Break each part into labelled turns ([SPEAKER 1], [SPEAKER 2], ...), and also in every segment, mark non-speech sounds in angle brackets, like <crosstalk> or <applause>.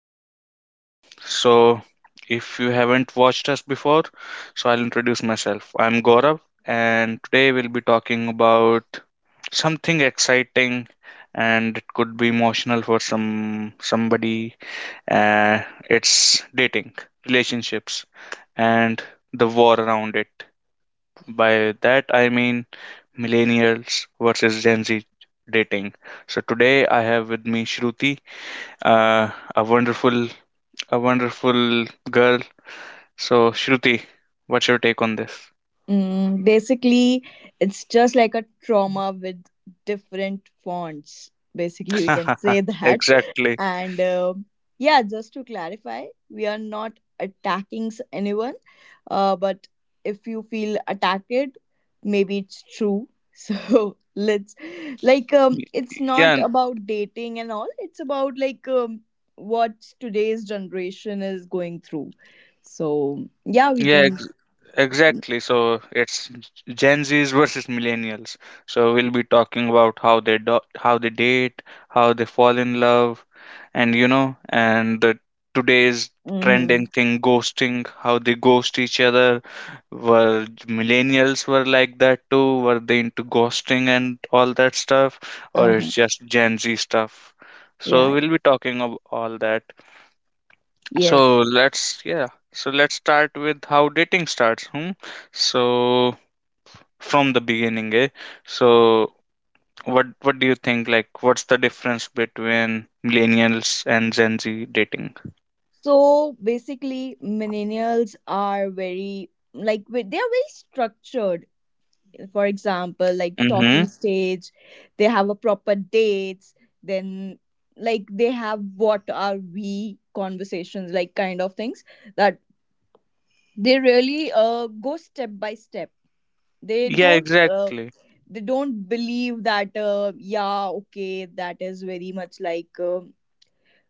[SPEAKER 1] the podcast. So, if you haven't watched us before, so I'll introduce myself. I'm Gaurav, and today we'll be talking about something exciting, and it could be emotional for somebody. Uh, it's dating, relationships, and the war around it. By that, I mean millennials versus Gen Z dating. So today, I have with me Shruti, a wonderful girl. So, Shruti, what's your take on this?
[SPEAKER 2] Basically, it's just like a trauma with different fonts. Basically, we can
[SPEAKER 1] <laughs>
[SPEAKER 2] say that.
[SPEAKER 1] Exactly.
[SPEAKER 2] And yeah, just to clarify, we are not attacking anyone. But if you feel attacked, maybe it's true. <laughs> So let's like
[SPEAKER 1] Y-
[SPEAKER 2] It's not
[SPEAKER 1] Yeah,
[SPEAKER 2] about dating and all. It's about what today's generation is going through. So yeah, we
[SPEAKER 1] yeah,
[SPEAKER 2] can.
[SPEAKER 1] ex- Exactly. So it's Gen Zs versus millennials. So we'll be talking about how they date, how they fall in love, and you know, and the today's trending
[SPEAKER 2] Mm-hmm.
[SPEAKER 1] thing, ghosting, how they ghost each other. Were millennials were like that too? Were they into ghosting and all that stuff, or
[SPEAKER 2] Uh-huh.
[SPEAKER 1] it's just Gen Z stuff? So
[SPEAKER 2] Yeah,
[SPEAKER 1] we'll be talking of all that,
[SPEAKER 2] yes.
[SPEAKER 1] so let's yeah. So let's start with how dating starts. Hmm? So from the beginning, eh? So what do you think? Like, what's the difference between millennials and Gen Z dating?
[SPEAKER 2] So basically, millennials are very, they are very structured. For example, like
[SPEAKER 1] Mm-hmm.
[SPEAKER 2] talking stage, they have a proper dates, then like they have what are we conversations, like kind of things that they really go step by step. They
[SPEAKER 1] Yeah,
[SPEAKER 2] don't uh
[SPEAKER 1] exactly.
[SPEAKER 2] they don't believe that yeah, okay, that is very much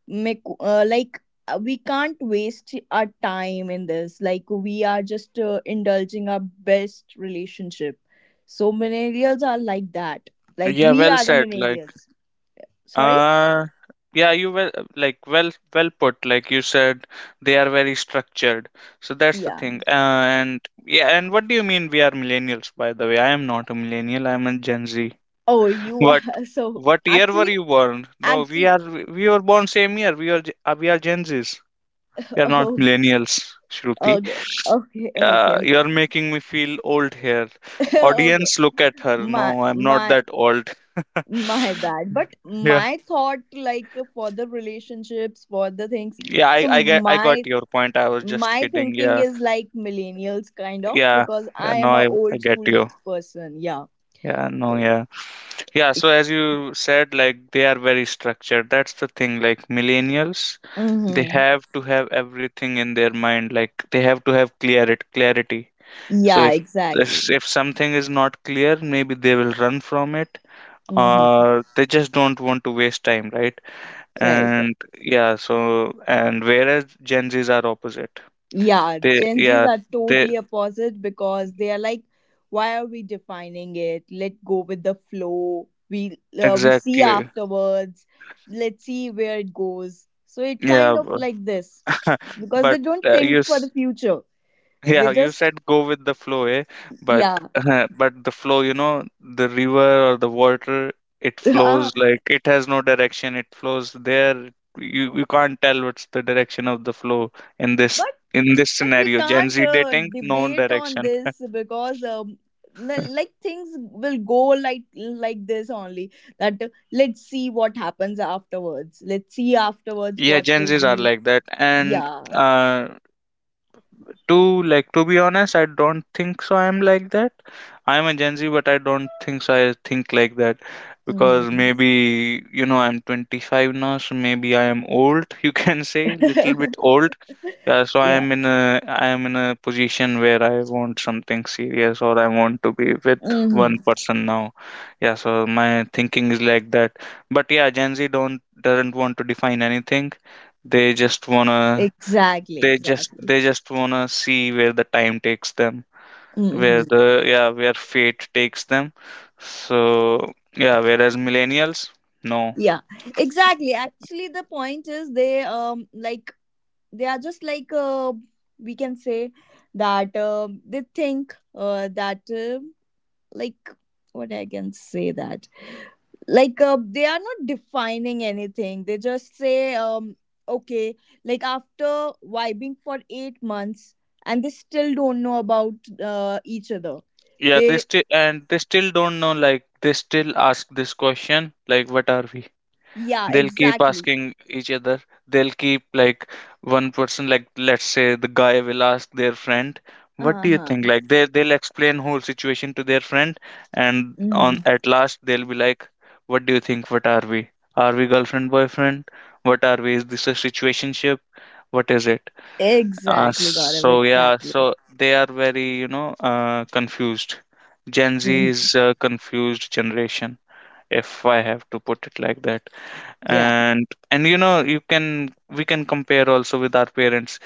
[SPEAKER 2] make we can't waste our time in this, like we are just indulging our best relationship. So millennials are like that. Like
[SPEAKER 1] Yeah,
[SPEAKER 2] we
[SPEAKER 1] well
[SPEAKER 2] are the
[SPEAKER 1] said. Like,
[SPEAKER 2] millennials. Sorry?
[SPEAKER 1] uh, yeah, you well like well put. Like you said, they are very structured. So that's the
[SPEAKER 2] Yeah.
[SPEAKER 1] thing. And yeah, and what do you mean we are millennials? By the way, I am not a millennial. I am a Gen Z.
[SPEAKER 2] Oh, you
[SPEAKER 1] What
[SPEAKER 2] are. <laughs> So
[SPEAKER 1] what year were
[SPEAKER 2] actually,
[SPEAKER 1] you born? No,
[SPEAKER 2] actually,
[SPEAKER 1] we were born same year. We are Gen Zs. We
[SPEAKER 2] <laughs>
[SPEAKER 1] are not
[SPEAKER 2] okay,
[SPEAKER 1] millennials, Shruti.
[SPEAKER 2] okay, okay, okay,
[SPEAKER 1] You
[SPEAKER 2] okay.
[SPEAKER 1] are making me feel old here.
[SPEAKER 2] <laughs> Okay.
[SPEAKER 1] Audience, look at her.
[SPEAKER 2] my
[SPEAKER 1] No, I'm not
[SPEAKER 2] my
[SPEAKER 1] that old.
[SPEAKER 2] my
[SPEAKER 1] <laughs>
[SPEAKER 2] bad, but
[SPEAKER 1] Yeah,
[SPEAKER 2] my thought, like, for the relationships, for the things.
[SPEAKER 1] yeah.
[SPEAKER 2] So
[SPEAKER 1] I got
[SPEAKER 2] my
[SPEAKER 1] your point. I was just
[SPEAKER 2] my
[SPEAKER 1] kidding.
[SPEAKER 2] thinking
[SPEAKER 1] Yeah,
[SPEAKER 2] is like millennials kind of,
[SPEAKER 1] yeah,
[SPEAKER 2] because
[SPEAKER 1] yeah.
[SPEAKER 2] I
[SPEAKER 1] No,
[SPEAKER 2] am a
[SPEAKER 1] I
[SPEAKER 2] old
[SPEAKER 1] get
[SPEAKER 2] school
[SPEAKER 1] you.
[SPEAKER 2] person. Yeah,
[SPEAKER 1] Yeah, no,
[SPEAKER 2] so
[SPEAKER 1] yeah. Yeah, so as you said, like they are very structured. That's the thing. Like millennials, they
[SPEAKER 2] mm-hmm.
[SPEAKER 1] have to have everything in their mind. Like they have to have clarity. Clarity. So
[SPEAKER 2] Yeah, exactly.
[SPEAKER 1] if something is not clear, maybe they will run from it,
[SPEAKER 2] Mm-hmm.
[SPEAKER 1] or they just don't want to waste time, right?
[SPEAKER 2] Right, right,
[SPEAKER 1] And yeah, so and whereas Gen Zs are opposite.
[SPEAKER 2] yeah,
[SPEAKER 1] They
[SPEAKER 2] Gen Z's
[SPEAKER 1] yeah
[SPEAKER 2] are
[SPEAKER 1] they
[SPEAKER 2] totally opposite because they are like, why are we defining it? Let go with the flow. We we see
[SPEAKER 1] exactly.
[SPEAKER 2] afterwards. Let's see where it goes. So it
[SPEAKER 1] yeah,
[SPEAKER 2] kind of
[SPEAKER 1] but
[SPEAKER 2] like this
[SPEAKER 1] <laughs>
[SPEAKER 2] because they
[SPEAKER 1] but,
[SPEAKER 2] don't
[SPEAKER 1] you
[SPEAKER 2] think for the
[SPEAKER 1] s-
[SPEAKER 2] future. They
[SPEAKER 1] Yeah, you
[SPEAKER 2] just,
[SPEAKER 1] said go with the flow, eh? But,
[SPEAKER 2] yeah.
[SPEAKER 1] <laughs> but the flow, you know, the river or the water, it flows
[SPEAKER 2] <laughs> but
[SPEAKER 1] like it has no direction. It flows there. You can't tell what's the direction of the flow in this in this
[SPEAKER 2] But we
[SPEAKER 1] scenario. Gen
[SPEAKER 2] can't
[SPEAKER 1] Z dating, no
[SPEAKER 2] debate on
[SPEAKER 1] direction.
[SPEAKER 2] this
[SPEAKER 1] <laughs>
[SPEAKER 2] because like things will go like this only, that let's see what happens afterwards. Let's see afterwards
[SPEAKER 1] Yeah,
[SPEAKER 2] what
[SPEAKER 1] Gen
[SPEAKER 2] will
[SPEAKER 1] Zs are
[SPEAKER 2] be.
[SPEAKER 1] like that, and
[SPEAKER 2] Yeah.
[SPEAKER 1] uh, to, like, to be honest, I don't think so I'm like that. I'm a Gen Z, but I don't think so I think like that, because
[SPEAKER 2] Mhm.
[SPEAKER 1] maybe you know I'm 25 now, so maybe I am old. <laughs> You can say little bit
[SPEAKER 2] <laughs>
[SPEAKER 1] old. Yeah, so
[SPEAKER 2] Yeah.
[SPEAKER 1] I am in a position where I want something serious or I want to be with one
[SPEAKER 2] Hmm.
[SPEAKER 1] person now. Yeah, so my thinking is like that. But yeah, Gen Z don't doesn't want to define anything. They just wanna
[SPEAKER 2] Exactly. Exactly.
[SPEAKER 1] they just want to see where the time takes them where
[SPEAKER 2] Hmm.
[SPEAKER 1] the yeah, where fate takes them. So yeah, whereas millennials, no.
[SPEAKER 2] Yeah. Exactly. Actually, the point is they like they are just like we can say that they think that. Like what I can say that, like they are not defining anything. They just say okay, like after vibing for 8 months, and they still don't know about each other.
[SPEAKER 1] Yeah they
[SPEAKER 2] They,
[SPEAKER 1] still and they still don't know, like they still ask this question like, what are we?
[SPEAKER 2] yeah,
[SPEAKER 1] They'll keep
[SPEAKER 2] exactly.
[SPEAKER 1] asking each other. They'll keep like, one person, like let's say the guy, will ask their friend, what do you think?
[SPEAKER 2] Uh-huh.
[SPEAKER 1] Like, they they'll explain whole situation to their friend, and
[SPEAKER 2] Hmm.
[SPEAKER 1] on at last they'll be like, what do you think, what are we, are we girlfriend boyfriend, what are we, is this a situationship, what is it?
[SPEAKER 2] Exactly, got it,
[SPEAKER 1] So yeah,
[SPEAKER 2] exactly.
[SPEAKER 1] so they are very, you know, confused. Gen Z is
[SPEAKER 2] Hmm.
[SPEAKER 1] a confused generation, if I have to put it like that.
[SPEAKER 2] Yeah,
[SPEAKER 1] And you know, you can we can compare also with our parents.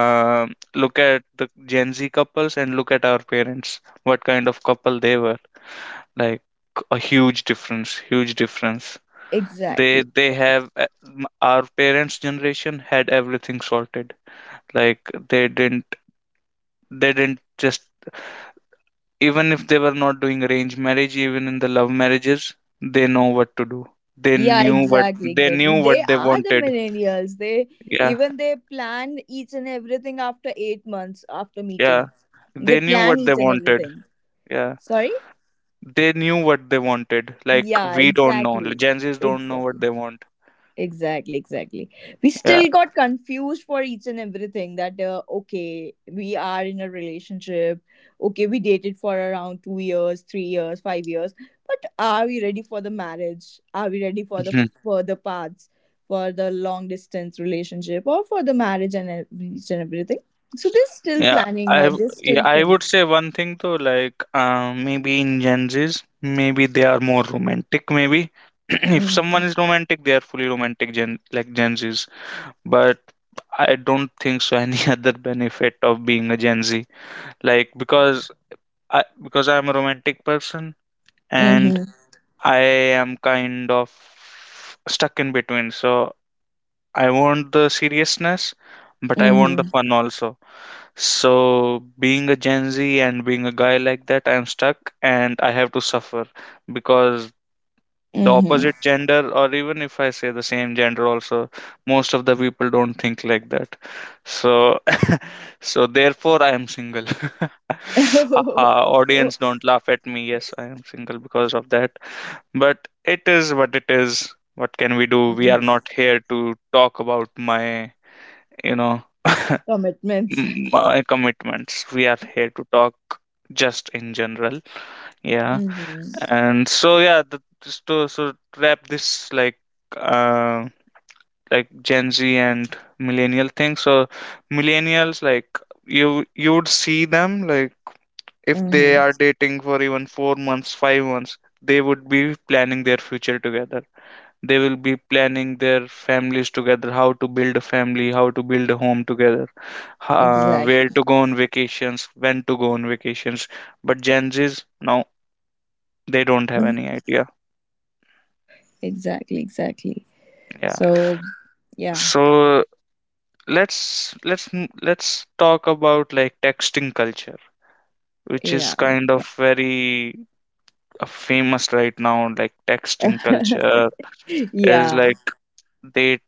[SPEAKER 1] Look at the Gen Z couples and look at our parents, what kind of couple they were. Like, a huge difference, huge difference.
[SPEAKER 2] exactly.
[SPEAKER 1] Our parents' generation had everything sorted. Like, they didn't they didn't just even if they were not doing arranged marriage, even in the love marriages, they know what to do they
[SPEAKER 2] Yeah,
[SPEAKER 1] knew what,
[SPEAKER 2] exactly,
[SPEAKER 1] they
[SPEAKER 2] exactly.
[SPEAKER 1] knew
[SPEAKER 2] They
[SPEAKER 1] what they
[SPEAKER 2] are the
[SPEAKER 1] wanted.
[SPEAKER 2] millennials. They
[SPEAKER 1] Yeah,
[SPEAKER 2] even they plan each and everything after 8 months after
[SPEAKER 1] yeah.
[SPEAKER 2] meeting. They
[SPEAKER 1] They knew
[SPEAKER 2] plan
[SPEAKER 1] what they
[SPEAKER 2] each and
[SPEAKER 1] wanted.
[SPEAKER 2] everything.
[SPEAKER 1] Yeah.
[SPEAKER 2] Sorry?
[SPEAKER 1] They knew what they wanted. Like,
[SPEAKER 2] Yeah,
[SPEAKER 1] we don't know. Like,
[SPEAKER 2] exactly.
[SPEAKER 1] Gen Zs don't know what
[SPEAKER 2] Exactly.
[SPEAKER 1] they want.
[SPEAKER 2] Exactly, exactly. We
[SPEAKER 1] Yeah.
[SPEAKER 2] still got confused for each and everything that, okay, we are in a relationship. Okay, we dated for around 2 years, 3 years, 5 years. But are we ready for the marriage? Are we ready for the
[SPEAKER 1] Mhm.
[SPEAKER 2] further paths, for the long distance relationship, or for the marriage and each and everything? So there's still
[SPEAKER 1] Yeah.
[SPEAKER 2] planning or there's still
[SPEAKER 1] I
[SPEAKER 2] things.
[SPEAKER 1] would say one thing though, like, maybe in Gen Zs, maybe they are more romantic. Maybe <clears throat> if
[SPEAKER 2] Mm-hmm.
[SPEAKER 1] someone is romantic, they are fully romantic, Gen Zs. But I don't think so any <laughs> other benefit of being a Gen Z, like because I'm a romantic person, and
[SPEAKER 2] Mm-hmm.
[SPEAKER 1] I am kind of stuck in between. So I want the seriousness, but I want
[SPEAKER 2] Mm-hmm.
[SPEAKER 1] the fun also. So being a Gen Z and being a guy like that, I'm stuck and I have to suffer because the
[SPEAKER 2] Mm-hmm.
[SPEAKER 1] opposite gender, or even if I say the same gender also, most of the people don't think like that. So <laughs> so therefore I am single. <laughs> Haha, audience
[SPEAKER 2] <laughs>
[SPEAKER 1] don't laugh at me. Yes, I am single because of that. But it is. What can we do? We are not here to talk about my, you know, <laughs>
[SPEAKER 2] Commitments.
[SPEAKER 1] my commitments. We are here to talk just in general. Yeah.
[SPEAKER 2] Mm-hmm.
[SPEAKER 1] And so yeah, just to wrap this, like, uh like Gen Z and millennial thing. So millennials, like, you would see them like, if they
[SPEAKER 2] Mm-hmm.
[SPEAKER 1] are dating for even 4 months, 5 months, they would be planning their future together. They will be planning their families together, how to build a family, how to build a home together,
[SPEAKER 2] Exactly.
[SPEAKER 1] where to go on vacations, when to go on vacations. But Gen Z's, no, they don't have any
[SPEAKER 2] <laughs>
[SPEAKER 1] idea.
[SPEAKER 2] Exactly. Exactly.
[SPEAKER 1] Yeah,
[SPEAKER 2] So yeah,
[SPEAKER 1] so let's let's talk about like texting culture, which is
[SPEAKER 2] yeah,
[SPEAKER 1] kind of very famous right now. Like, texting
[SPEAKER 2] <laughs>
[SPEAKER 1] culture is
[SPEAKER 2] yeah.
[SPEAKER 1] like, they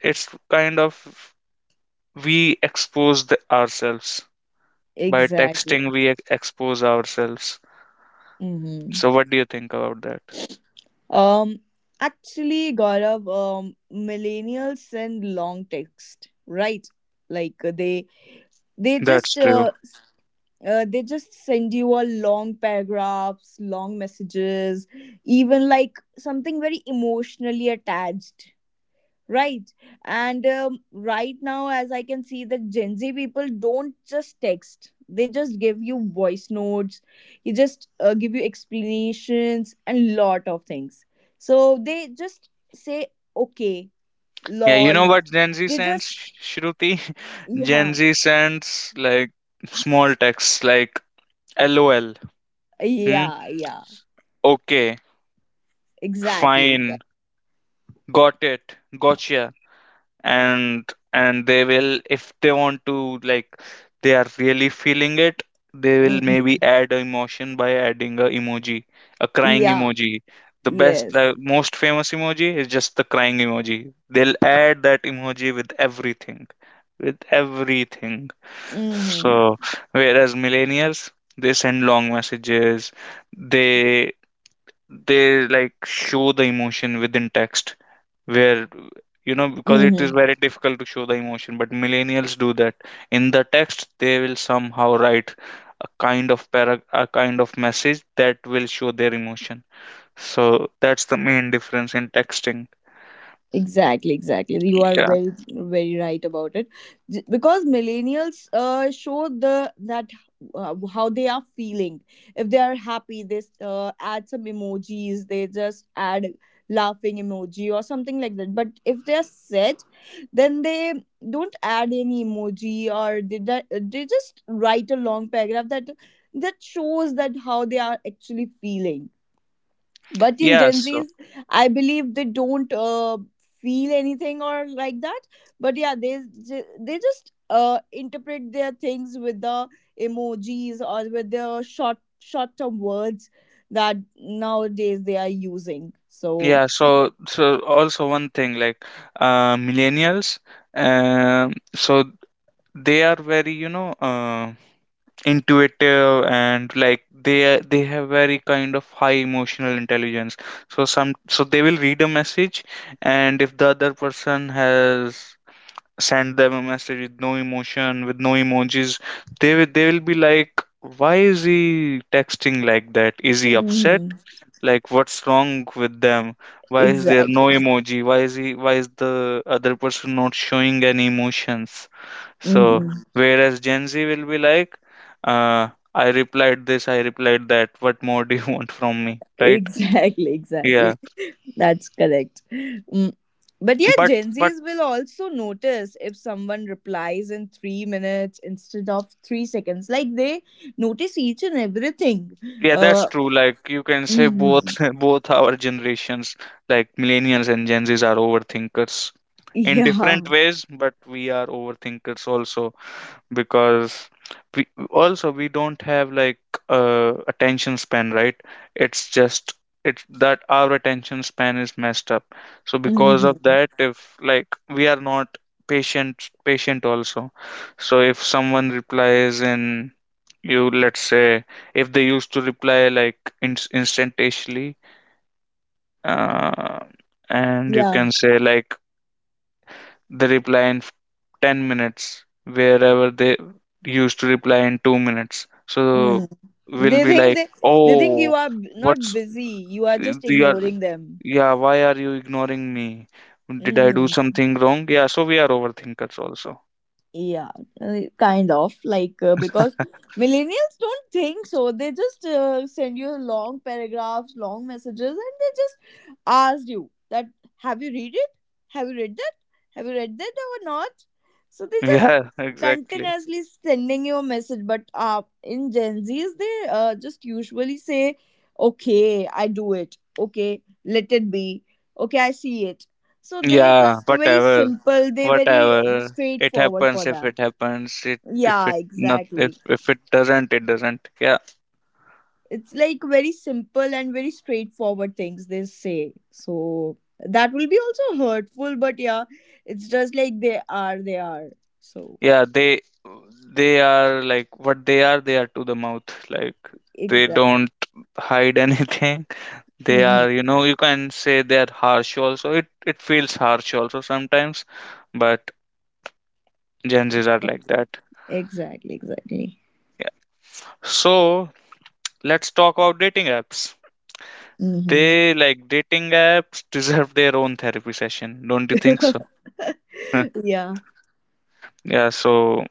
[SPEAKER 1] it's kind of, we expose, the, ourselves. By
[SPEAKER 2] Exactly.
[SPEAKER 1] texting, expose ourselves.
[SPEAKER 2] Hmm.
[SPEAKER 1] So, what do you think about that?
[SPEAKER 2] Um, actually, Gaurav, millennials send long text, right? Like uh, they they
[SPEAKER 1] That's
[SPEAKER 2] just
[SPEAKER 1] true.
[SPEAKER 2] uh, they just send you a long paragraphs, long messages, even like something very emotionally attached. Right. And right now, as I can see, the Gen Z people don't just text, they just give you voice notes, you just give you explanations and lot of things. So they just say, okay,
[SPEAKER 1] Yeah, you
[SPEAKER 2] lol.
[SPEAKER 1] know what Gen Z
[SPEAKER 2] They
[SPEAKER 1] sends,
[SPEAKER 2] just,
[SPEAKER 1] Shruti? <laughs> Gen
[SPEAKER 2] yeah,
[SPEAKER 1] Z sends like small texts like LOL, hmm,
[SPEAKER 2] yeah, yeah,
[SPEAKER 1] okay,
[SPEAKER 2] exactly, exactly.
[SPEAKER 1] fine, got it, gotcha. And they will, if they want to, like, they are really feeling it, they will
[SPEAKER 2] Mhm.
[SPEAKER 1] maybe add a emotion by adding a emoji, a crying
[SPEAKER 2] Yeah,
[SPEAKER 1] emoji. The best,
[SPEAKER 2] yes.
[SPEAKER 1] like, most famous emoji is just the crying emoji. They'll add that emoji with everything, with everything.
[SPEAKER 2] Mm-hmm.
[SPEAKER 1] So whereas millennials, they send long messages. They they like show the emotion within text, where, you know, because it is
[SPEAKER 2] Mm-hmm.
[SPEAKER 1] very difficult to show the emotion, but millennials do that. In the text, they will somehow write a kind of message that will show their emotion. So that's the main difference in texting.
[SPEAKER 2] Exactly, exactly. You are
[SPEAKER 1] Yeah,
[SPEAKER 2] very, very right about it. Because millennials show the that how they are feeling. If they are happy, they add some emojis. They just add laughing emoji or something like that. But if they are sad, then they don't add any emoji, or they they just write a long paragraph that, that shows that how they are actually feeling. But in
[SPEAKER 1] yeah.
[SPEAKER 2] Gen
[SPEAKER 1] So
[SPEAKER 2] Z's, I believe they don't feel anything or like that. But yeah, they they just interpret their things with the emojis or with the short term words that nowadays they are using. So
[SPEAKER 1] yeah, so, so also one thing, like, millennials, so they are very, you know, intuitive, and like, they have very kind of high emotional intelligence. So they will read a message, and if the other person has sent them a message with no emotion, with no emojis, they will be like, why is he texting like that, is he upset,
[SPEAKER 2] mhm,
[SPEAKER 1] like, what's wrong with them, why is there no
[SPEAKER 2] exactly.
[SPEAKER 1] emoji, why is the other person not showing any emotions? So,
[SPEAKER 2] Mhm.
[SPEAKER 1] whereas Gen Z will be like, I replied this, I replied that. What more do you <laughs> want from me? Right?
[SPEAKER 2] Exactly, exactly.
[SPEAKER 1] Yeah.
[SPEAKER 2] That's correct. Mm. But yeah,
[SPEAKER 1] But,
[SPEAKER 2] Gen
[SPEAKER 1] but
[SPEAKER 2] Zs will also notice if someone replies in 3 minutes instead of 3 seconds. Like they notice each and everything.
[SPEAKER 1] yeah, that's
[SPEAKER 2] Uh,
[SPEAKER 1] true. Like, you can say both,
[SPEAKER 2] mhm.
[SPEAKER 1] <laughs> both our generations, like millennials and Gen Zs, are overthinkers in different
[SPEAKER 2] Yeah.
[SPEAKER 1] ways, but we are overthinkers also. Because we also, we don't have like attention span, right? it's just it's that our attention span is messed up. So because of
[SPEAKER 2] Hmm.
[SPEAKER 1] that, if like we are not patient also. So if someone replies in, you, let's say, if they used to reply like in, instantaneously, uh, and you
[SPEAKER 2] Yeah.
[SPEAKER 1] can say like they reply in 10 minutes, wherever they used to reply in 2 minutes. So
[SPEAKER 2] Mm.
[SPEAKER 1] we'll
[SPEAKER 2] They
[SPEAKER 1] be
[SPEAKER 2] think
[SPEAKER 1] like,
[SPEAKER 2] they, they think you
[SPEAKER 1] oh,
[SPEAKER 2] are not
[SPEAKER 1] what's
[SPEAKER 2] busy. You are just
[SPEAKER 1] we are,
[SPEAKER 2] ignoring them.
[SPEAKER 1] yeah, why are you ignoring me? Did I do
[SPEAKER 2] Hmm.
[SPEAKER 1] something wrong? Yeah, so we are overthinkers also.
[SPEAKER 2] Yeah, kind of like because millennials don't think so. They just send you long paragraphs, long messages, and they just ask you that, have you read it? Have you read that? Have you read that or not? So they just
[SPEAKER 1] Yeah, <laughs> exactly.
[SPEAKER 2] continuously sending you a message. But in Gen Z's, they just usually say, "Okay, I do it. Okay, let it be. Okay, I see it." So they
[SPEAKER 1] Yeah,
[SPEAKER 2] just very
[SPEAKER 1] whatever,
[SPEAKER 2] simple. They very
[SPEAKER 1] whatever. It
[SPEAKER 2] straightforward for
[SPEAKER 1] happens if
[SPEAKER 2] that.
[SPEAKER 1] it happens. It If
[SPEAKER 2] Yeah,
[SPEAKER 1] it not if
[SPEAKER 2] exactly.
[SPEAKER 1] if it doesn't, it doesn't. Yeah.
[SPEAKER 2] It's like very simple and very straightforward things they say. So that will be also hurtful, but yeah, it's just like they are. They are. So
[SPEAKER 1] Yeah, they are like what they are. They are to the mouth, like they
[SPEAKER 2] exact.
[SPEAKER 1] don't hide <laughs> anything. They
[SPEAKER 2] Hmm.
[SPEAKER 1] are, you know, you can say they are harsh also. It feels harsh also sometimes, but Gen Z's are like that.
[SPEAKER 2] Exactly. Exactly.
[SPEAKER 1] Yeah, so let's talk about dating apps.
[SPEAKER 2] Hmm.
[SPEAKER 1] They like dating apps <laughs> deserve their own therapy session, don't you think so? <laughs>
[SPEAKER 2] <laughs> Yeah.
[SPEAKER 1] Yeah, so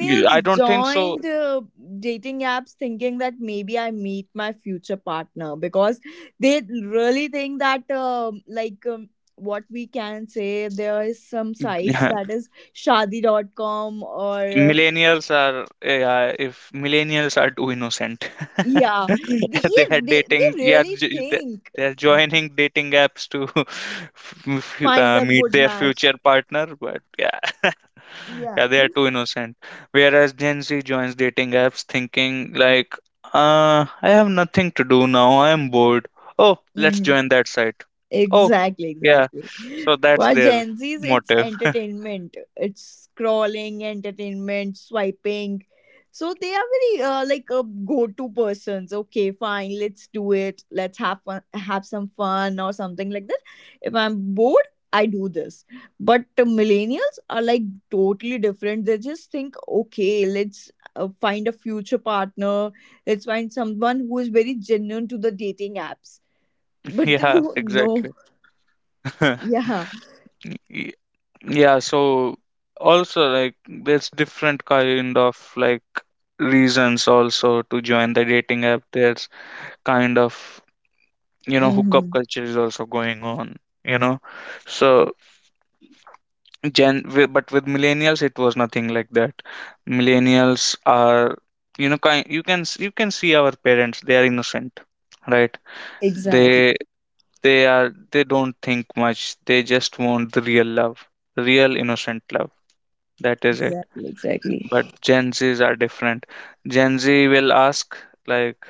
[SPEAKER 1] I don't think so.
[SPEAKER 2] joined dating apps thinking that maybe I meet my future partner because they really think that, like, what we can say, there is some sites
[SPEAKER 1] <laughs>
[SPEAKER 2] that is shadi.com or, uh,
[SPEAKER 1] Millennials are, yeah, if millennials are too innocent,
[SPEAKER 2] yeah,
[SPEAKER 1] <laughs> they
[SPEAKER 2] yeah
[SPEAKER 1] are
[SPEAKER 2] they
[SPEAKER 1] dating, yeah,
[SPEAKER 2] really think,
[SPEAKER 1] they're joining dating apps to <laughs>
[SPEAKER 2] find a
[SPEAKER 1] meet
[SPEAKER 2] good
[SPEAKER 1] their
[SPEAKER 2] match.
[SPEAKER 1] future partner, but yeah, <laughs>
[SPEAKER 2] Yeah.
[SPEAKER 1] yeah, they are too innocent. Whereas Gen Z joins dating apps thinking like, I have nothing to do now, I am bored. Oh, let's
[SPEAKER 2] Mm-hmm.
[SPEAKER 1] join that site. Oh
[SPEAKER 2] Exactly,
[SPEAKER 1] yeah,
[SPEAKER 2] exactly.
[SPEAKER 1] so that's
[SPEAKER 2] For
[SPEAKER 1] their
[SPEAKER 2] Gen Zs, it's
[SPEAKER 1] motive. <laughs>
[SPEAKER 2] entertainment. It's scrolling, entertainment, swiping. So they are very like a go-to persons. Okay, fine, let's do it. Let's have fun, have some fun or something like that. If I'm bored, I do this. But the millennials are like totally different. They just think, okay, let's find a future partner. Let's find someone who is very genuine to the dating apps. But they
[SPEAKER 1] Yeah,
[SPEAKER 2] don't know.
[SPEAKER 1] exactly. <laughs>
[SPEAKER 2] Yeah.
[SPEAKER 1] Y- yeah, so also like there's different kind of like reasons also to join the dating app. There's kind of, you know, hookup
[SPEAKER 2] Hmm.
[SPEAKER 1] culture is also going on, you know. So but with millennials it was nothing like that. Millennials are, you know, kind, you can see our parents, they are innocent, right?
[SPEAKER 2] Exactly.
[SPEAKER 1] they they are, they don't think much, they just want the real love, real innocent love. That is it.
[SPEAKER 2] Exactly. Exactly.
[SPEAKER 1] But Gen Zs are different. Gen Z will ask, like,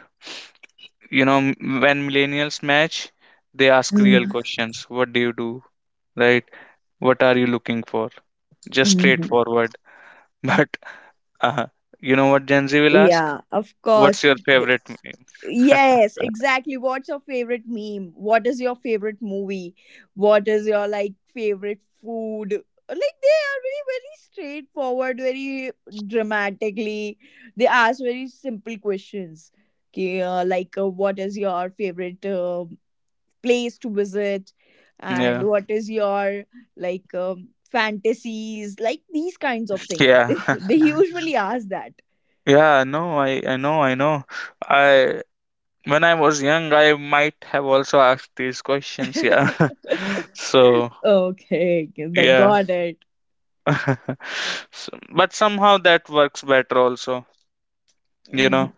[SPEAKER 1] you know, when millennials match, they ask real questions. What do you do? Right? What are you looking for? Just
[SPEAKER 2] Mm-hmm.
[SPEAKER 1] straightforward. <laughs> But uh, you know what Gen Z will ask?
[SPEAKER 2] Yeah. Of course.
[SPEAKER 1] What's your
[SPEAKER 2] Th-
[SPEAKER 1] favorite meme? <laughs>
[SPEAKER 2] Yes. Exactly. What's your favorite meme? What is your favorite movie? What is your like favorite food? Like they are very, very straightforward, very dramatically. They ask very simple questions. Okay, like what is your favorite place to visit,
[SPEAKER 1] Yeah.
[SPEAKER 2] and what is your like fantasies, like these kinds of things. <laughs>
[SPEAKER 1] Yeah. <laughs>
[SPEAKER 2] They usually ask that.
[SPEAKER 1] Yeah, no, I know, I know. I, when I was young, I might have also asked these questions, yeah.
[SPEAKER 2] <laughs>
[SPEAKER 1] <laughs> So,
[SPEAKER 2] Okay. the
[SPEAKER 1] yeah.
[SPEAKER 2] Got it.
[SPEAKER 1] <laughs> So, but somehow that works better also, you know.
[SPEAKER 2] Mhm.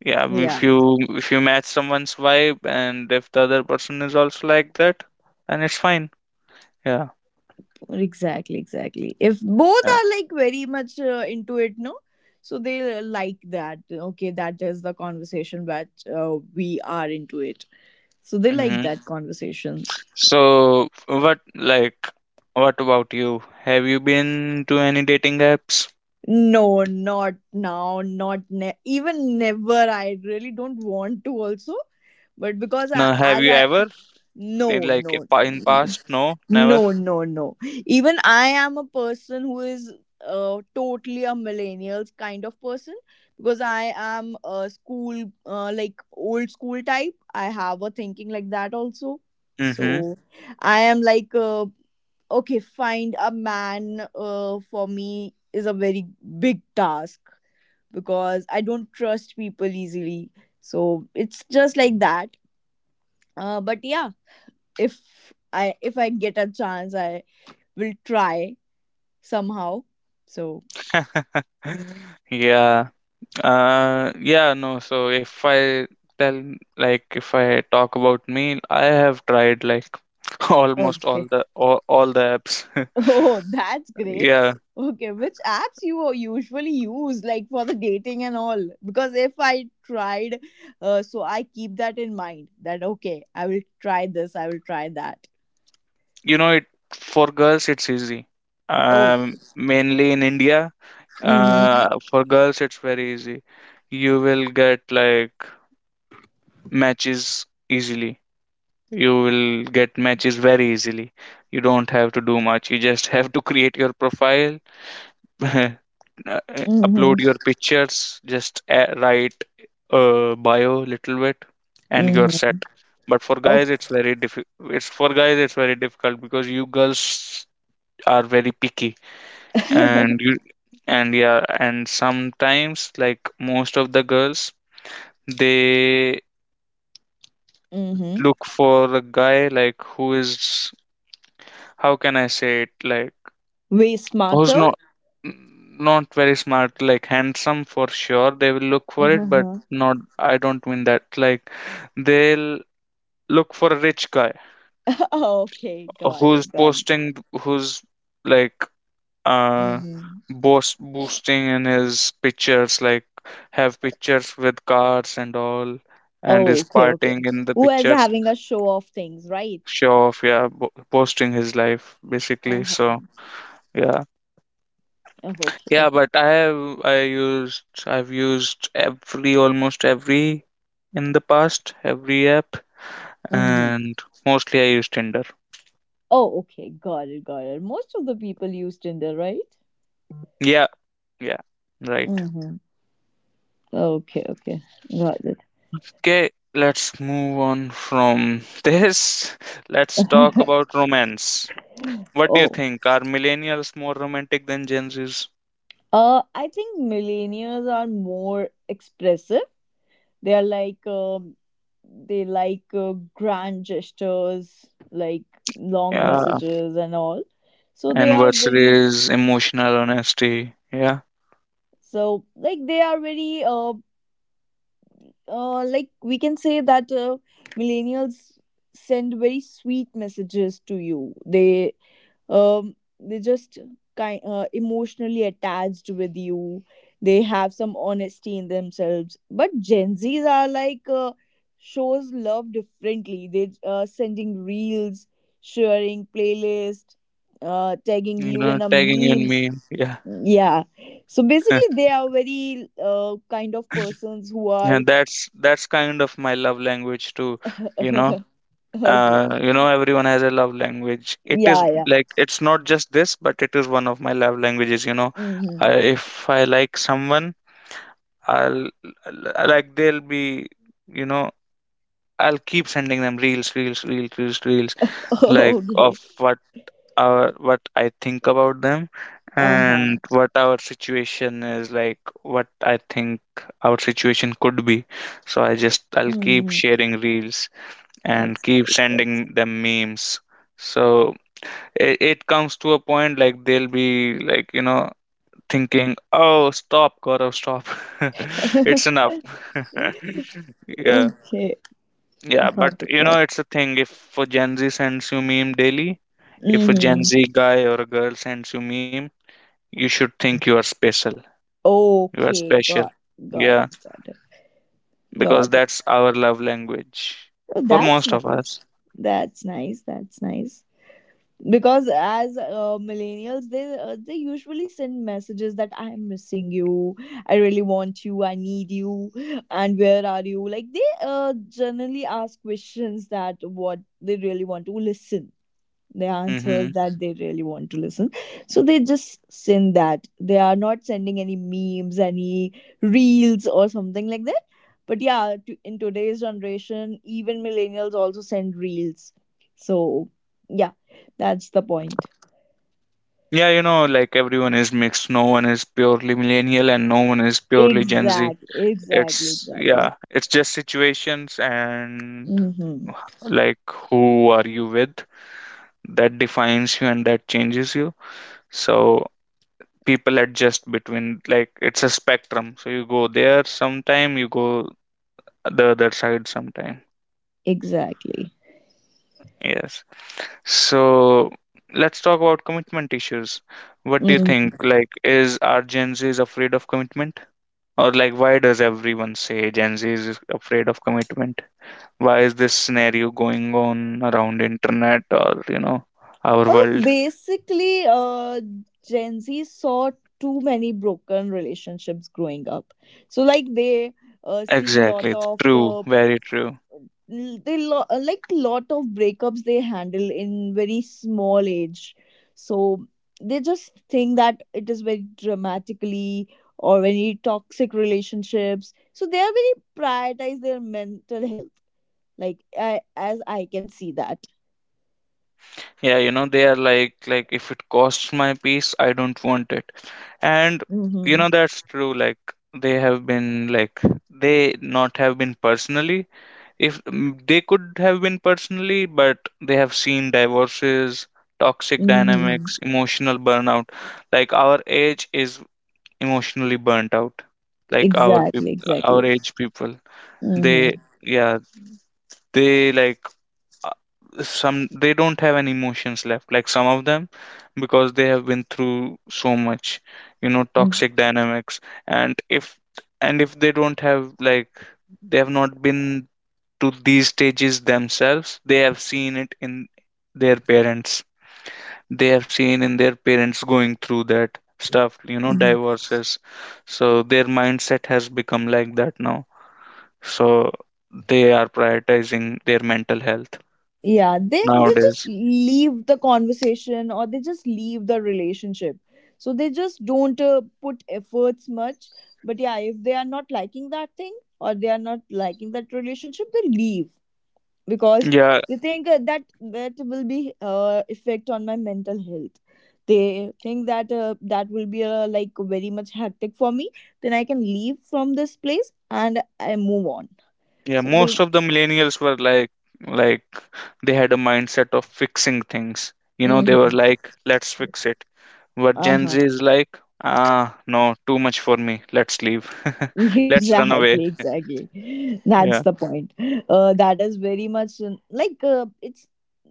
[SPEAKER 1] Yeah, if
[SPEAKER 2] Yeah,
[SPEAKER 1] you if you match someone's vibe and if the other person is also like that, then it's fine. Yeah.
[SPEAKER 2] exactly, exactly, if both
[SPEAKER 1] Yeah.
[SPEAKER 2] are like very much into it. No, so they like that, okay, that is the conversation that we are into it. So they like
[SPEAKER 1] Hmm.
[SPEAKER 2] that conversations.
[SPEAKER 1] So what like what about you? Have you been to any dating apps?
[SPEAKER 2] No, not now, not even never. I really don't want to also, but because I,
[SPEAKER 1] No, have
[SPEAKER 2] as
[SPEAKER 1] you
[SPEAKER 2] I,
[SPEAKER 1] ever, in
[SPEAKER 2] no,
[SPEAKER 1] like a
[SPEAKER 2] no,
[SPEAKER 1] in past? No, never.
[SPEAKER 2] no, no, no. Even I am a person who is totally a millennials kind of person because I am a school, like old school type. I have a thinking like that also.
[SPEAKER 1] Mm-hmm.
[SPEAKER 2] So I am like, okay, find a man for me is a very big task because I don't trust people easily. So it's just like that. But yeah, if I get a chance, I will try somehow. So
[SPEAKER 1] <laughs> Yeah. Yeah, no. So if I tell, like, if I talk about me, I have tried like <laughs> almost all
[SPEAKER 2] okay. <laughs>
[SPEAKER 1] the all the apps. <laughs>
[SPEAKER 2] Oh, that's great.
[SPEAKER 1] Yeah,
[SPEAKER 2] Okay, which apps you usually use like for the dating and all? Because if I tried, so I keep that in mind that okay, I will try this, I will try that.
[SPEAKER 1] you know, it, for girls it's easy.
[SPEAKER 2] Oh,
[SPEAKER 1] Mainly in India,
[SPEAKER 2] mm-hmm,
[SPEAKER 1] for girls it's very easy. You will get like matches easily. You will get matches very easily. You don't have to do much. You just <laughs> have to create your profile. <laughs> Uh, upload
[SPEAKER 2] mm-hmm,
[SPEAKER 1] your pictures, just write a bio little bit, and you're
[SPEAKER 2] mm-hmm.
[SPEAKER 1] set. But for
[SPEAKER 2] Oh,
[SPEAKER 1] guys it's very it's, for guys it's very difficult, because you girls are very picky, and you,
[SPEAKER 2] <laughs>
[SPEAKER 1] and yeah, and sometimes, like most of the girls, they
[SPEAKER 2] mm-hmm.
[SPEAKER 1] look for a guy, like who is, how can I say it, like
[SPEAKER 2] Way
[SPEAKER 1] who's
[SPEAKER 2] smarter.
[SPEAKER 1] not, not very smart, like handsome for sure they will look for it, but
[SPEAKER 2] Uh-huh.
[SPEAKER 1] not, I don't mean that, like they'll look for a rich guy
[SPEAKER 2] <laughs> Okay, got it,
[SPEAKER 1] who's
[SPEAKER 2] got it.
[SPEAKER 1] posting, who's like, uh,
[SPEAKER 2] Mm-hmm.
[SPEAKER 1] boast boosting in his pictures, like have pictures with cars and all and
[SPEAKER 2] Oh,
[SPEAKER 1] is
[SPEAKER 2] okay, okay.
[SPEAKER 1] partying in the
[SPEAKER 2] Who is
[SPEAKER 1] pictures.
[SPEAKER 2] having a show of things, right?
[SPEAKER 1] Show off, yeah, posting his life basically.
[SPEAKER 2] Uh-huh.
[SPEAKER 1] So yeah.
[SPEAKER 2] Oh, okay,
[SPEAKER 1] Yeah,
[SPEAKER 2] okay.
[SPEAKER 1] but I have, I used, I've used every, almost every in the past, every app,
[SPEAKER 2] Mm-hmm.
[SPEAKER 1] and mostly I use Tinder.
[SPEAKER 2] Oh, okay. Got it, got it. Most of the people used in there, right?
[SPEAKER 1] Yeah, yeah, right.
[SPEAKER 2] Mm-hmm. Okay, okay. Got
[SPEAKER 1] Okay, let's move on from <laughs> this. Let's talk
[SPEAKER 2] it.
[SPEAKER 1] about romance. What do you
[SPEAKER 2] <laughs> Oh.
[SPEAKER 1] think? Are millennials more romantic than Gen Zs?
[SPEAKER 2] I think millennials are more expressive. They are like, they like grand gestures, like long
[SPEAKER 1] Yeah,
[SPEAKER 2] messages and all. So they
[SPEAKER 1] and
[SPEAKER 2] are very,
[SPEAKER 1] versus emotional honesty. Yeah,
[SPEAKER 2] so like they are very like we can say that millennials send very sweet messages to you. They just kind emotionally attached with you. They have some honesty in themselves. But Gen Z's are like shows love differently. They sending reels, sharing playlist, tagging
[SPEAKER 1] you
[SPEAKER 2] you in
[SPEAKER 1] know,
[SPEAKER 2] the
[SPEAKER 1] tagging in
[SPEAKER 2] memes.
[SPEAKER 1] me. Yeah.
[SPEAKER 2] Yeah, so
[SPEAKER 1] <laughs>
[SPEAKER 2] basically they are very kind of persons who are.
[SPEAKER 1] And that's kind of my love language too, you know.
[SPEAKER 2] <laughs> Okay.
[SPEAKER 1] You know, everyone has a love language. It is
[SPEAKER 2] Yeah, yeah.
[SPEAKER 1] like, it's not just this, but it is one of my love languages, you know.
[SPEAKER 2] Mm-hmm.
[SPEAKER 1] I, if I like someone, I'll, like they'll be, you know, I'll keep sending them reels, reels, reels, reels, reels,
[SPEAKER 2] <laughs>
[SPEAKER 1] like of
[SPEAKER 2] Okay.
[SPEAKER 1] what our, what I think about them, and
[SPEAKER 2] Uh-huh.
[SPEAKER 1] what our situation is like, what I think our situation could be. So I just, I'll keep
[SPEAKER 2] Mm-hmm.
[SPEAKER 1] sharing reels and
[SPEAKER 2] That's
[SPEAKER 1] keep
[SPEAKER 2] nice. That's
[SPEAKER 1] sending them memes. So it comes to a point like they'll be like, you know, thinking, oh stop, Gaurav, stop, <laughs>
[SPEAKER 2] nice.
[SPEAKER 1] it's enough. <laughs>
[SPEAKER 2] <laughs>
[SPEAKER 1] Yeah.
[SPEAKER 2] Okay.
[SPEAKER 1] Yeah, but
[SPEAKER 2] Got it.
[SPEAKER 1] you
[SPEAKER 2] Got
[SPEAKER 1] know,
[SPEAKER 2] it.
[SPEAKER 1] it's a thing. If a Gen Z sends you meme daily, if a Gen
[SPEAKER 2] Mm-hmm.
[SPEAKER 1] Z guy or a girl sends you meme, you should think you are special. You are
[SPEAKER 2] Okay.
[SPEAKER 1] special.
[SPEAKER 2] Got
[SPEAKER 1] Yeah,
[SPEAKER 2] it. Got it.
[SPEAKER 1] because
[SPEAKER 2] Got it.
[SPEAKER 1] that's our love language
[SPEAKER 2] Oh,
[SPEAKER 1] for
[SPEAKER 2] that's
[SPEAKER 1] most of us.
[SPEAKER 2] nice. That's nice. That's nice. Because as millennials, they usually send messages that I am missing you, I really want you, I need you, and where are you. Like they generally ask questions that what they really want to listen, the
[SPEAKER 1] Mm-hmm.
[SPEAKER 2] answers that they really want to listen. So they just send that. They are not sending any memes, any reels or something like that. But yeah, to, in today's generation, even millennials also send reels. So yeah, that's the point.
[SPEAKER 1] Yeah, you know, like everyone is mixed. No one is purely millennial and no one is purely Gen Z.
[SPEAKER 2] Exactly, exactly,
[SPEAKER 1] It's,
[SPEAKER 2] exactly.
[SPEAKER 1] yeah, it's just situations, and
[SPEAKER 2] Mm-hmm.
[SPEAKER 1] like, who are you with, that defines you and that changes you. So people adjust between, like it's a spectrum, so you go there sometime, you go the other side sometime.
[SPEAKER 2] Exactly.
[SPEAKER 1] Yes. So let's talk about commitment issues. What do you
[SPEAKER 2] Mm.
[SPEAKER 1] think, like, is, are Gen Z's afraid of commitment, or like, why does everyone say Gen Z is afraid of commitment? Why is this scenario going on around internet, or you know, our
[SPEAKER 2] Oh,
[SPEAKER 1] world?
[SPEAKER 2] basically, Gen Z saw too many broken relationships growing up. So, like, they see lot
[SPEAKER 1] Exactly.
[SPEAKER 2] of
[SPEAKER 1] True. Very true.
[SPEAKER 2] like lot of breakups they handle in very small age so they just think that it is very dramatically or very toxic relationships so they are very prioritize their mental health like as I can see that.
[SPEAKER 1] Yeah, you know, they are like, if it costs my peace, I don't want it. And you
[SPEAKER 2] Mm-hmm.
[SPEAKER 1] know that's true, like they have been like, they not have been personally, if, they could have been personally, but they have seen divorces, toxic
[SPEAKER 2] Mm-hmm.
[SPEAKER 1] dynamics, emotional burnout. Like our age is emotionally burnt out. Like our
[SPEAKER 2] Exactly,
[SPEAKER 1] people,
[SPEAKER 2] exactly.
[SPEAKER 1] our age people,
[SPEAKER 2] Mm-hmm.
[SPEAKER 1] they, yeah, they like, uh, some, they don't have any emotions left, like some of them, because they have been through so much, you know,
[SPEAKER 2] Mm-hmm.
[SPEAKER 1] toxic dynamics. And if, and if they don't have, like they have not been to these stages themselves, they have seen it in their parents. They have seen in their parents going through that stuff, you know, divorces. So their mindset has become like that now. So they are prioritizing their mental health
[SPEAKER 2] Yeah, they just
[SPEAKER 1] nowadays.
[SPEAKER 2] leave the conversation or they just leave the relationship, so they just don't put efforts much. But yeah, if they are not liking that thing or they are not liking that relationship, they leave, because
[SPEAKER 1] Yeah.
[SPEAKER 2] they think that will be effect on my mental health. They think that that will be like very much hectic for me, then I can leave from this place and I move on,
[SPEAKER 1] Yeah,
[SPEAKER 2] so they.
[SPEAKER 1] most of the millennials were like they had a mindset of fixing things. You know, they
[SPEAKER 2] Hmm.
[SPEAKER 1] were like, let's fix it. But Gen Z is like, ah, no, too much for me. Let's leave. <laughs>
[SPEAKER 2] <laughs>
[SPEAKER 1] Let's run
[SPEAKER 2] Exactly,
[SPEAKER 1] away.
[SPEAKER 2] exactly, that's the
[SPEAKER 1] Yeah.
[SPEAKER 2] point. That is very much it's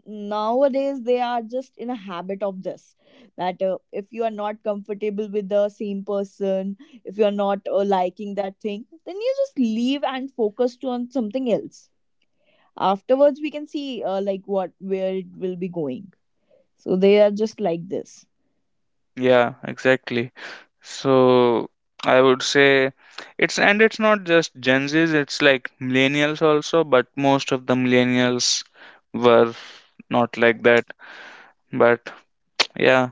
[SPEAKER 2] nowadays they are just in a habit of this, that if you are not comfortable with the same person, if you're not liking that thing, then you just leave and focus to on something else. Afterwards we can see like what where it will be going, so they are just like this.
[SPEAKER 1] Yeah, exactly. So I would say it's, and it's not just Gen Zs, it's like millennials also, but most of the millennials were not like that. But yeah.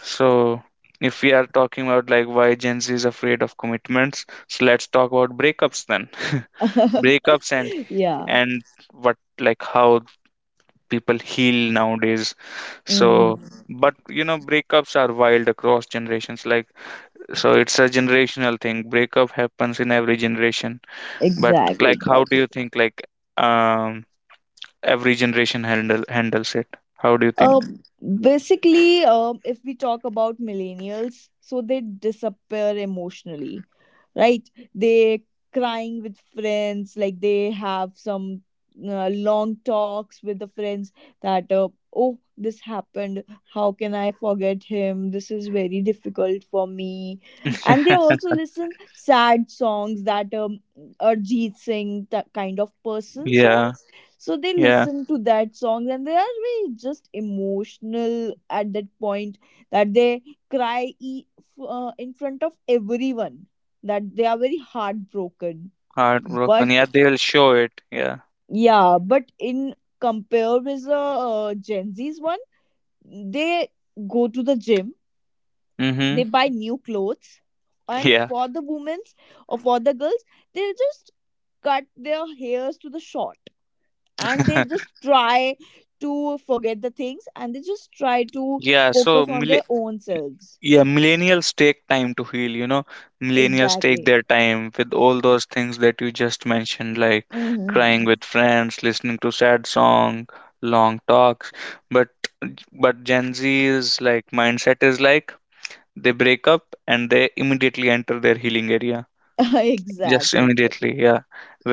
[SPEAKER 1] So, if we are talking about like why Gen Z is afraid of commitments, so let's talk about breakups then. <laughs> Breakups and
[SPEAKER 2] <laughs> Yeah.
[SPEAKER 1] and what, like how people heal nowadays.
[SPEAKER 2] Mhm.
[SPEAKER 1] So, but you know, breakups are wild across generations. Like, so it's a generational thing. Breakup happens in every generation. But
[SPEAKER 2] Exactly,
[SPEAKER 1] like, how do
[SPEAKER 2] exactly.
[SPEAKER 1] you think like, um, every generation handles it? How do you
[SPEAKER 2] Uh,
[SPEAKER 1] think?
[SPEAKER 2] Basically, if we talk about millennials, so they disappear emotionally, right. They crying with friends, like they have some long talks with the friends, that oh this happened, how can I forget him, this is very difficult for me. And they
[SPEAKER 1] <laughs>
[SPEAKER 2] also <laughs> listen sad songs that Arjit Singh, that kind of person
[SPEAKER 1] Yeah,
[SPEAKER 2] songs. So they
[SPEAKER 1] yeah,
[SPEAKER 2] listen to that song and they are very just emotional at that point, that they cry in front of everyone, that they are very heartbroken. But
[SPEAKER 1] heartbroken. Yeah, they will show it. Yeah.
[SPEAKER 2] yeah, but in compare with the Gen Z's one, they go to the gym,
[SPEAKER 1] Mm-hmm.
[SPEAKER 2] they buy new clothes, and
[SPEAKER 1] Yeah.
[SPEAKER 2] for the women or for the girls, they just cut their hairs to the short and they just
[SPEAKER 1] <laughs>
[SPEAKER 2] try to forget the things and they just try to
[SPEAKER 1] Yeah. So,
[SPEAKER 2] focus on their own selves.
[SPEAKER 1] yeah, millennials take time to heal, you know. Millennials take
[SPEAKER 2] Exactly.
[SPEAKER 1] their time with all those things that you just mentioned, like crying with
[SPEAKER 2] Hmm.
[SPEAKER 1] friends, listening to sad song, long talks. But but Gen Z's like mindset is like they break up and they immediately enter their healing area.
[SPEAKER 2] <laughs>
[SPEAKER 1] Just
[SPEAKER 2] Exactly.
[SPEAKER 1] immediately, yeah.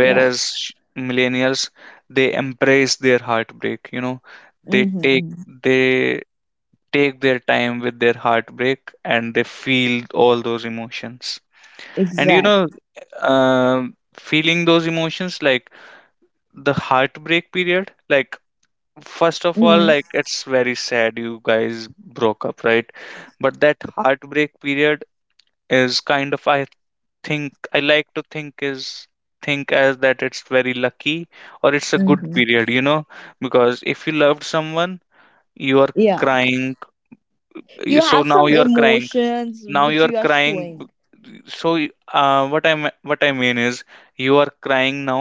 [SPEAKER 2] Yeah.
[SPEAKER 1] sh- Millennials, they embrace their heartbreak, you know. They take,
[SPEAKER 2] Hmm.
[SPEAKER 1] they take their time with their heartbreak and they feel all those emotions. And you know,
[SPEAKER 2] Exactly.
[SPEAKER 1] feeling those emotions, like the heartbreak period, like first of all, like it's very sad you guys broke up, right? But that heartbreak period is kind of, I think, I like to think is, think as that it's very lucky, or it's a good
[SPEAKER 2] Mm-hmm.
[SPEAKER 1] period, you know, because if you loved someone, you are
[SPEAKER 2] Yeah.
[SPEAKER 1] crying,
[SPEAKER 2] You
[SPEAKER 1] so
[SPEAKER 2] have
[SPEAKER 1] now
[SPEAKER 2] some
[SPEAKER 1] you're crying,
[SPEAKER 2] emotions
[SPEAKER 1] now you
[SPEAKER 2] which
[SPEAKER 1] are
[SPEAKER 2] you are
[SPEAKER 1] crying,
[SPEAKER 2] showing.
[SPEAKER 1] so uh, what i what I mean is, you are crying now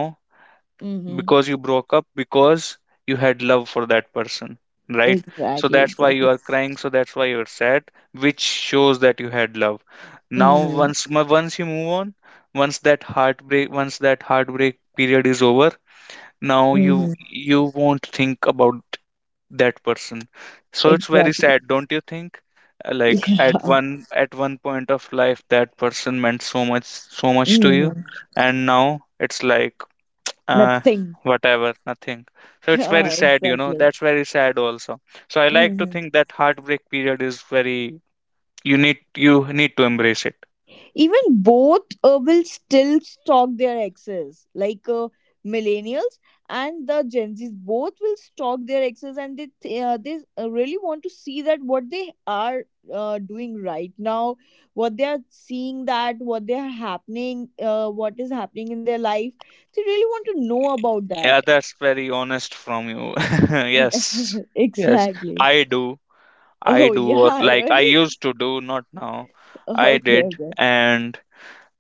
[SPEAKER 2] Mm-hmm.
[SPEAKER 1] because you broke up, because you had love for that person, right? So
[SPEAKER 2] Exactly,
[SPEAKER 1] that's why you
[SPEAKER 2] exactly.
[SPEAKER 1] are crying, so that's why you're sad, which shows that you had love. Now
[SPEAKER 2] Mm-hmm.
[SPEAKER 1] once once you move on, once that heartbreak period is over, now you
[SPEAKER 2] Mm-hmm.
[SPEAKER 1] you won't think about that person. So it's very
[SPEAKER 2] Exactly.
[SPEAKER 1] sad,
[SPEAKER 2] <laughs>
[SPEAKER 1] don't you think? Like at
[SPEAKER 2] Yeah.
[SPEAKER 1] one, at one point of life that person meant so much to you,
[SPEAKER 2] Mm-hmm.
[SPEAKER 1] and now it's like, uh,
[SPEAKER 2] Nothing.
[SPEAKER 1] whatever, nothing. So
[SPEAKER 2] <laughs>
[SPEAKER 1] it's very
[SPEAKER 2] Yeah,
[SPEAKER 1] sad, you know,
[SPEAKER 2] exactly.
[SPEAKER 1] that's very sad also. So I like to
[SPEAKER 2] Mm-hmm.
[SPEAKER 1] think that heartbreak period is very, you need, you need to embrace it.
[SPEAKER 2] Even both will still stalk their exes, like millennials and the Gen Z's both will stalk their exes, and they really want to see that what they are doing right now, what they are seeing, that what they are happening, what is happening in their life, they really want to know about that.
[SPEAKER 1] Yeah, that's very honest from you. <laughs> Yes.
[SPEAKER 2] <laughs>
[SPEAKER 1] Yes,
[SPEAKER 2] Exactly.
[SPEAKER 1] I do. I
[SPEAKER 2] Oh
[SPEAKER 1] do, or
[SPEAKER 2] yeah,
[SPEAKER 1] like I
[SPEAKER 2] really?
[SPEAKER 1] used to do, not now.
[SPEAKER 2] <laughs>
[SPEAKER 1] I
[SPEAKER 2] Okay,
[SPEAKER 1] did,
[SPEAKER 2] okay.
[SPEAKER 1] and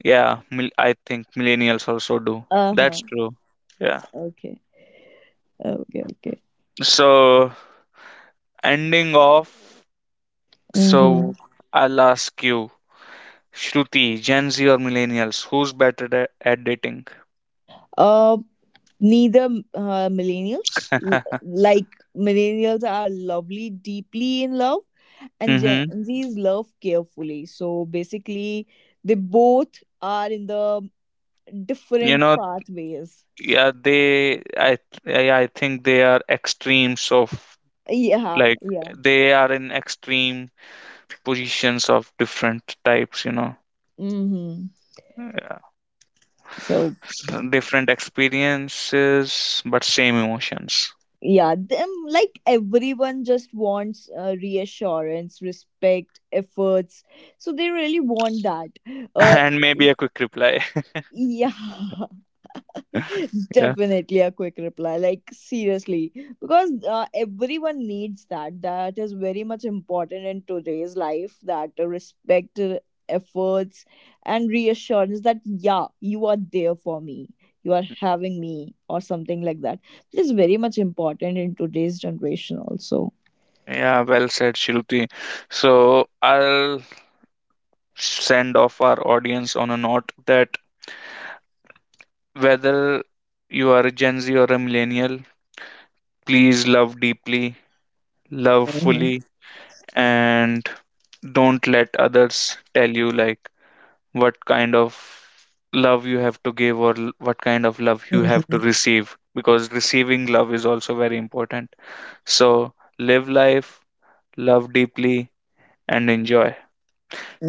[SPEAKER 1] yeah, I think millennials also do.
[SPEAKER 2] Uh-huh.
[SPEAKER 1] That's true. Yeah.
[SPEAKER 2] Okay. Okay, okay.
[SPEAKER 1] So, ending off, so
[SPEAKER 2] Mm-hmm.
[SPEAKER 1] I'll ask you, Shruti, Gen Z or millennials, who's better at dating?
[SPEAKER 2] Uh, Neither.
[SPEAKER 1] <laughs>
[SPEAKER 2] Like millennials are lovely deeply in love, and Gen
[SPEAKER 1] Mm-hmm.
[SPEAKER 2] Z's love carefully, so basically they both are in the
[SPEAKER 1] You
[SPEAKER 2] different
[SPEAKER 1] know,
[SPEAKER 2] pathways.
[SPEAKER 1] yeah, they, I think they are extremes of,
[SPEAKER 2] Yeah,
[SPEAKER 1] like
[SPEAKER 2] yeah.
[SPEAKER 1] they are in extreme positions of different types, you know.
[SPEAKER 2] Mm-hmm. So
[SPEAKER 1] Different experiences but same emotions.
[SPEAKER 2] yeah, them like everyone just wants reassurance, respect, efforts, so they really want that.
[SPEAKER 1] <laughs>
[SPEAKER 2] uh
[SPEAKER 1] And maybe a quick reply. <laughs>
[SPEAKER 2] yeah. <laughs> <laughs>
[SPEAKER 1] Yeah.
[SPEAKER 2] Definitely a quick reply. Like, seriously, because everyone needs that. That is very much important in today's life, that respect, efforts, and reassurance, that, yeah, you are there for me, you are having me, or something like that. It is very much important in today's generation, also.
[SPEAKER 1] Yeah, well said, Shruti. So I'll send off our audience on a note that whether you are a Gen Z or a millennial, please love deeply, love
[SPEAKER 2] Mhm,
[SPEAKER 1] fully, and don't let others tell you like what kind of love you have to give, or what kind of love you have to
[SPEAKER 2] mhm,
[SPEAKER 1] receive, because receiving love is also very important. So live life, love deeply, and enjoy.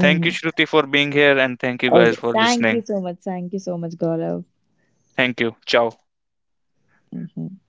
[SPEAKER 1] Thank you, Shruti, for being here, and thank you
[SPEAKER 2] Okay.
[SPEAKER 1] guys for
[SPEAKER 2] Thank you
[SPEAKER 1] listening.
[SPEAKER 2] so much. Thank you so much, Gaurav.
[SPEAKER 1] Thank you. Ciao.
[SPEAKER 2] Mhm.